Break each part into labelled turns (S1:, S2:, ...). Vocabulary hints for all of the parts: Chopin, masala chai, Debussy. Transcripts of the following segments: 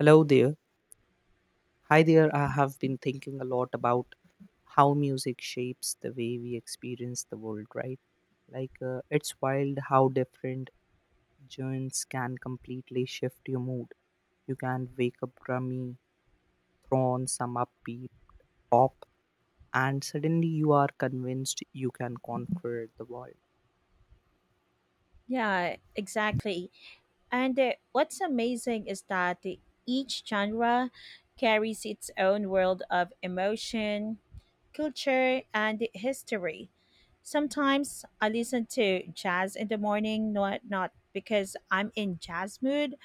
S1: Hello there. Hi there. I have been thinking a lot about how music shapes the way we experience the world, right? Like, it's wild how different genres can completely shift your mood. You can wake up drummy, throw on some upbeat pop, and suddenly you are convinced you can conquer the world.
S2: Yeah, exactly. And What's amazing is that each genre carries its own world of emotion, culture, and history. Sometimes I listen to jazz in the morning, not because I'm in jazz mood,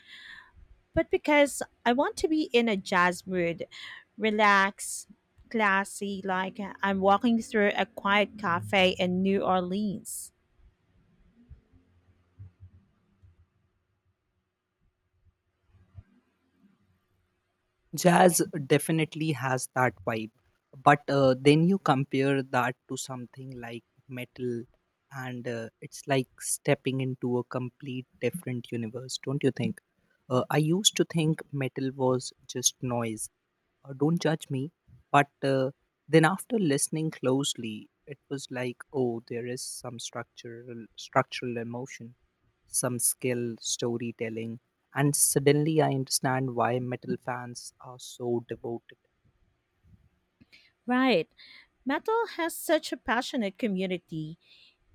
S2: but because I want to be in a jazz mood, relaxed, classy, like I'm walking through a quiet cafe in New Orleans.
S1: Jazz definitely has that vibe, but then you compare that to something like metal, and it's like stepping into a complete different universe, don't you think? I used to think metal was just noise. Don't judge me, but then after listening closely, it was like, oh, there is some structural emotion, some skill, storytelling, and suddenly I understand why metal fans are so devoted.
S2: Right. Metal has such a passionate community.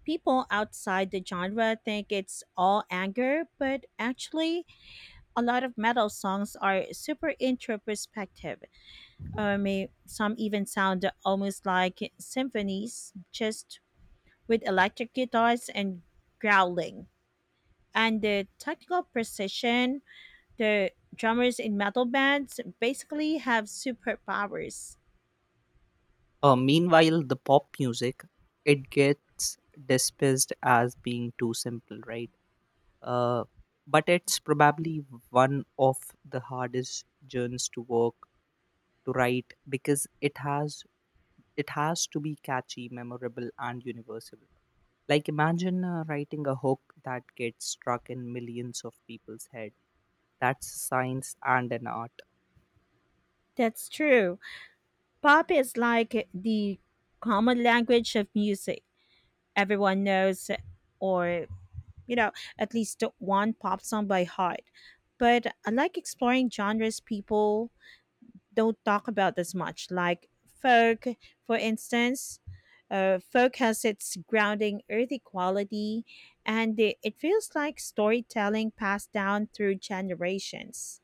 S2: People outside the genre think it's all anger, but actually, a lot of metal songs are super introspective. Some even sound almost like symphonies, just with electric guitars and growling. And the technical precision, the drummers in metal bands basically have superpowers.
S1: Meanwhile, the pop music it gets dismissed as being too simple, right? Uh, but it's probably one of the hardest journeys to work to write because it has to be catchy, memorable, and universal. Like imagine writing a hook that gets struck in millions of people's head. That's science and an art.
S2: That's true. Pop is like the common language of music. Everyone knows, or, you know, at least one pop song by heart. But I like exploring genres people don't talk about as much, like folk, for instance. Folk has its grounding, earthy quality, and it feels like storytelling passed down through generations.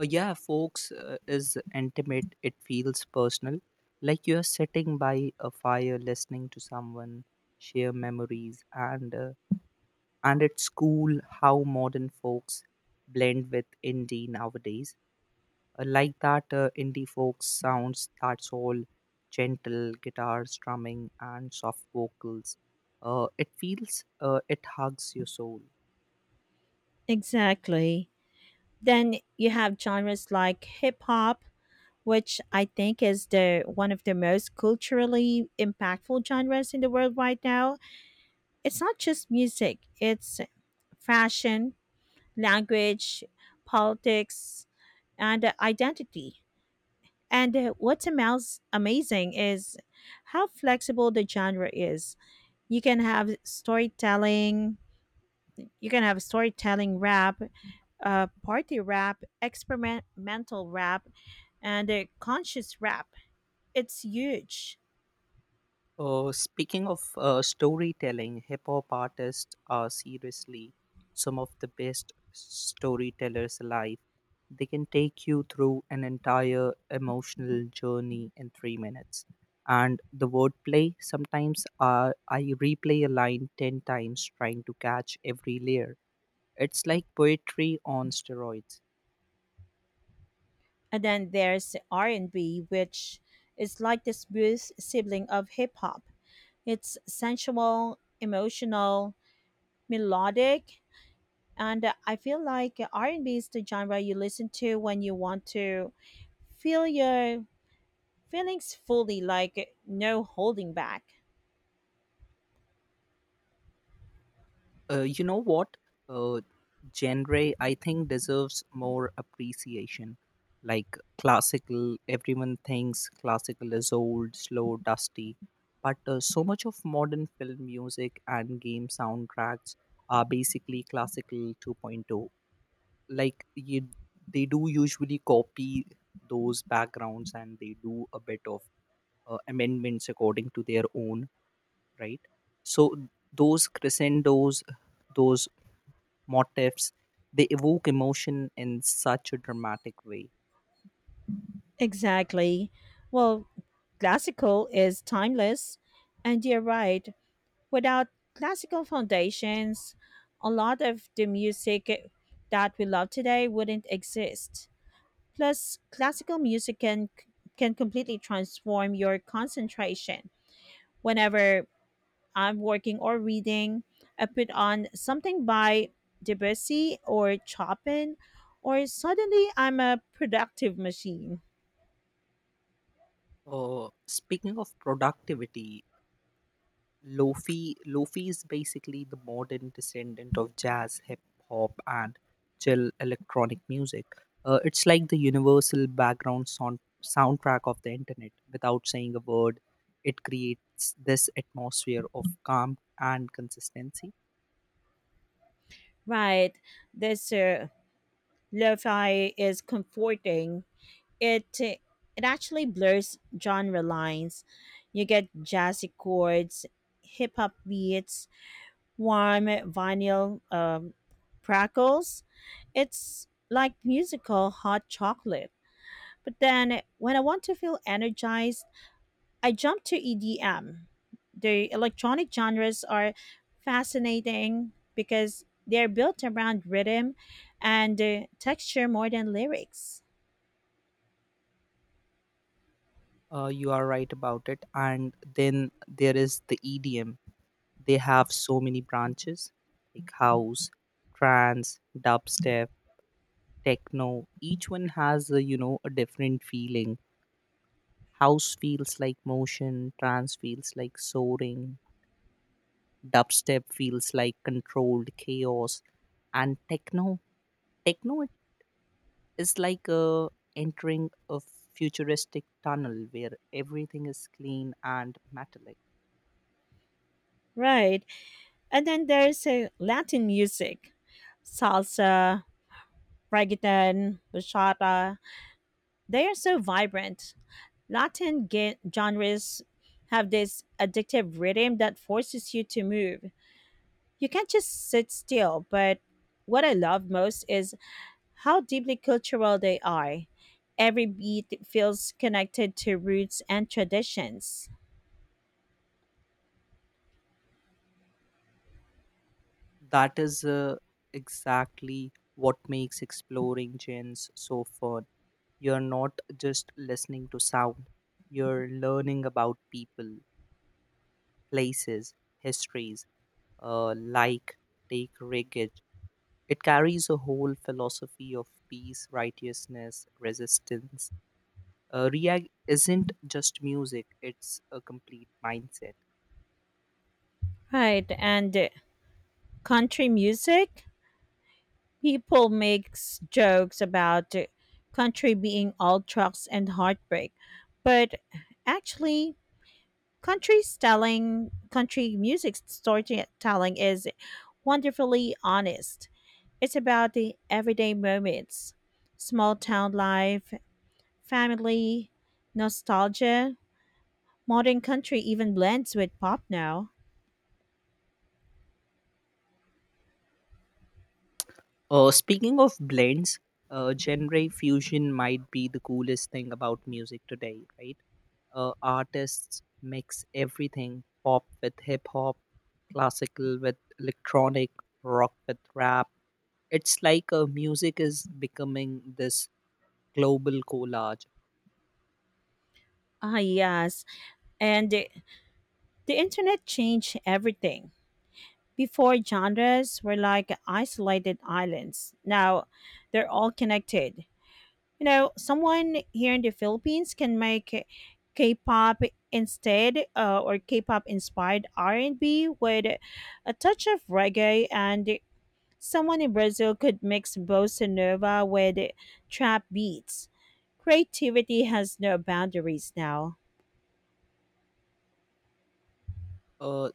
S1: Yeah, folks is intimate. It feels personal, like you are sitting by a fire, listening to someone share memories. And it's cool how modern folks blend with indie nowadays. Like that indie folk sounds. That's all gentle guitar strumming and soft vocals. It feels, it hugs your soul.
S2: Exactly. Then you have genres like hip hop, which I think is the one of the most culturally impactful genres in the world right now. It's not just music, it's fashion, language, politics, and identity. Amazing is how flexible the genre is. You can have storytelling, you can have storytelling rap, party rap, experimental rap, and conscious rap. It's huge.
S1: Speaking of storytelling, hip hop artists are seriously some of the best storytellers alive. They can take you through an entire emotional journey in 3 minutes. And the wordplay, sometimes I replay a line 10 times trying to catch every layer. It's like poetry on steroids.
S2: And then there's R&B, which is like the smooth sibling of hip hop. It's sensual, emotional, melodic, and I feel like R&B is the genre you listen to when you want to feel your feelings fully, like no holding back.
S1: You know what? Uh, Genre, I think, deserves more appreciation. Like classical, everyone thinks classical is old, slow, dusty. But so much of modern film music and game soundtracks are basically classical 2.0. Like you, they do usually copy those backgrounds and they do a bit of amendments according to their own, right? So those crescendos, those motifs, they evoke emotion in such a dramatic way.
S2: Exactly. Well, classical is timeless, and you're right. Without classical foundations, a lot of the music that we love today wouldn't exist. Plus, classical music can completely transform your concentration. Whenever I'm working or reading, I put on something by Debussy or Chopin, or suddenly I'm a productive machine.
S1: Speaking of productivity, Lofi is basically the modern descendant of jazz, hip hop, and chill electronic music. It's like the universal background soundtrack of the internet. Without saying a word, it creates this atmosphere of calm and consistency.
S2: Right. This Lo-fi is comforting, it actually blurs genre lines. You get jazzy chords, hip hop beats, warm vinyl crackles. It's like musical hot chocolate. But then when I want to feel energized, I jump to EDM. The electronic genres are fascinating because they're built around rhythm and texture more than lyrics.
S1: You are right about it. And then there is the EDM. They have so many branches like house, trance, dubstep, techno. Each one has a, you know, a different feeling. House feels like motion, trance feels like soaring, dubstep feels like controlled chaos, and techno it is like entering a futuristic tunnel where everything is clean and metallic.
S2: Right. And then there's Latin music, salsa, reggaeton, bachata. They are so vibrant. Genres have this addictive rhythm that forces you to move. You can't just sit still, but what I love most is how deeply cultural they are. Every beat feels connected to roots and traditions.
S1: That is exactly what makes exploring gens so fun. You're not just listening to sound, you're learning about people, places, histories, like take wreckage. It carries a whole philosophy of peace, righteousness, resistance. Ria isn't just music, it's a complete mindset.
S2: Right, and Country music? People makes jokes about the country being all trucks and heartbreak, but actually, country music storytelling is wonderfully honest. It's about the everyday moments, small town life, family, nostalgia. Modern country even blends with pop now.
S1: Speaking of blends, genre fusion might be the coolest thing about music today, right? Artists mix everything, pop with hip hop, classical with electronic, rock with rap. It's like music is becoming this global collage.
S2: Ah, yes, and the internet changed everything. Before, genres were like isolated islands. Now, they're all connected. You know, someone here in the Philippines can make K-pop instead or K-pop inspired R&B with a touch of reggae, and someone in Brazil could mix bossa nova with trap beats. Creativity has no boundaries now.
S1: Uh,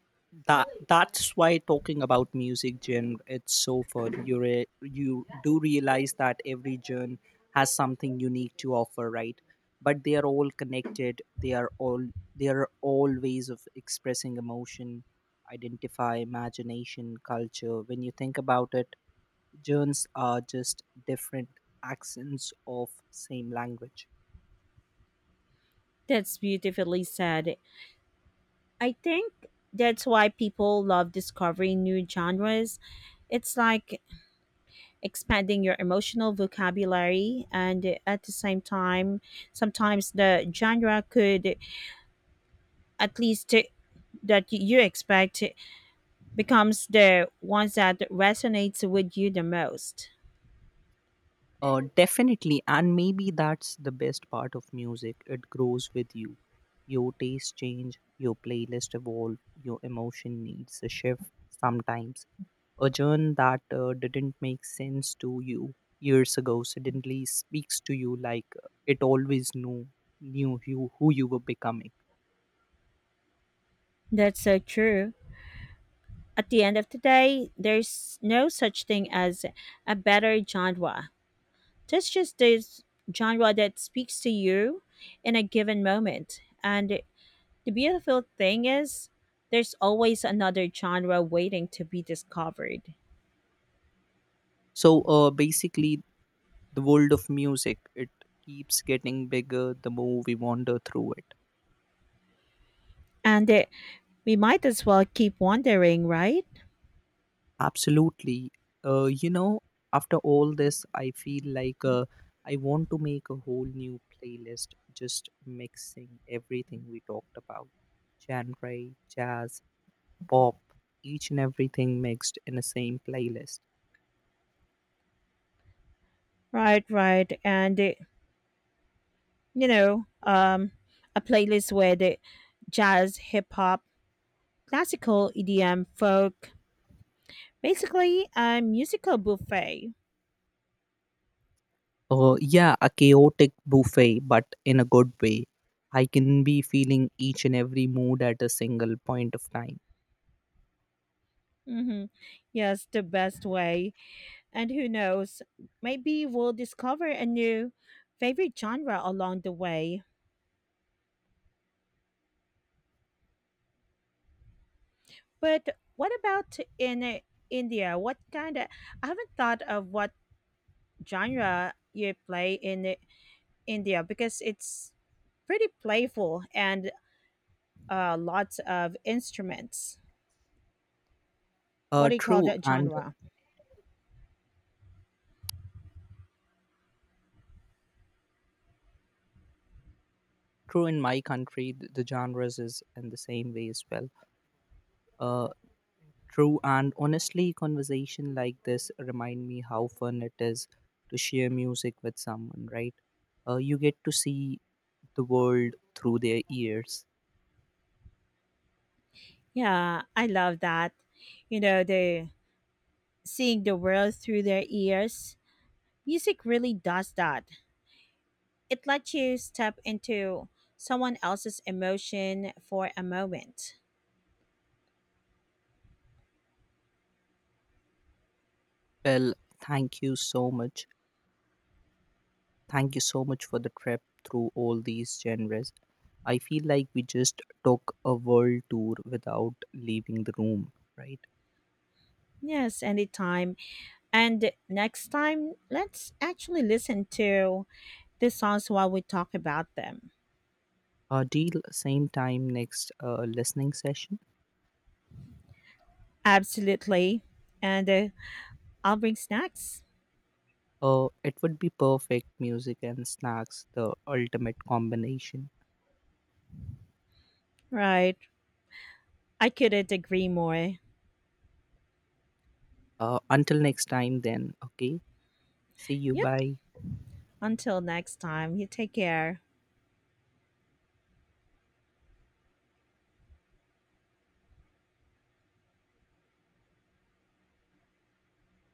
S1: that's why talking about music genre it's so fun. You do realize that every genre has something unique to offer, right? But they are all connected. They are all ways of expressing emotion, identify, imagination, culture. When you think about it, genres are just different accents of same language.
S2: That's beautifully said. I think that's why people love discovering new genres. It's like expanding your emotional vocabulary, and at the same time, sometimes the genre could, at least that you expect, becomes the ones that resonates with you the most.
S1: Definitely, and maybe that's the best part of music. It grows with you. Your tastes change, your playlist evolve, your emotion needs a shift sometimes. A genre that didn't make sense to you years ago suddenly speaks to you like it always knew you who you were becoming.
S2: That's so true. At the end of the day, there's no such thing as a better genre. That's just this genre that speaks to you in a given moment. And the beautiful thing is, there's always another genre waiting to be discovered.
S1: So basically, the world of music it keeps getting bigger the more we wander through it.
S2: And We might as well keep wondering, right?
S1: Absolutely. You know, after all this, I feel like I want to make a whole new playlist just mixing everything we talked about, genre, jazz, pop, each and everything mixed in the same playlist.
S2: Right, right. You know, um, a playlist with jazz, hip hop, classical, EDM, folk, basically a musical buffet.
S1: Yeah, a chaotic buffet, but in a good way. I can be feeling each and every mood at a single point of time.
S2: Hmm. Yes, the best way. And who knows, maybe we'll discover a new favorite genre along the way. But what about in India? What kind of, I haven't thought of what genre you play in India, because it's pretty playful and lots of instruments. What do you call
S1: True,
S2: that
S1: and
S2: genre?
S1: true in my country, the genres is in the same way as well. Uh. True, and honestly, conversation like this remind me how fun it is to share music with someone, right? You get to see the world through their ears.
S2: Yeah, I love that. You know, the seeing the world through their ears. Music really does that. It lets you step into someone else's emotion for a moment.
S1: Well, thank you so much. Thank you so much for the trip through all these genres. I feel like we just took a world tour without leaving the room, right?
S2: Yes, anytime. And next time, let's actually listen to the songs while we talk about them.
S1: Deal, same time next listening session.
S2: Absolutely. And I'll bring snacks.
S1: It would be perfect, music and snacks, the ultimate combination.
S2: Right. I couldn't agree more.
S1: Until next time, then, okay? See you.
S2: Yep.
S1: Bye.
S2: Until next time, you take care.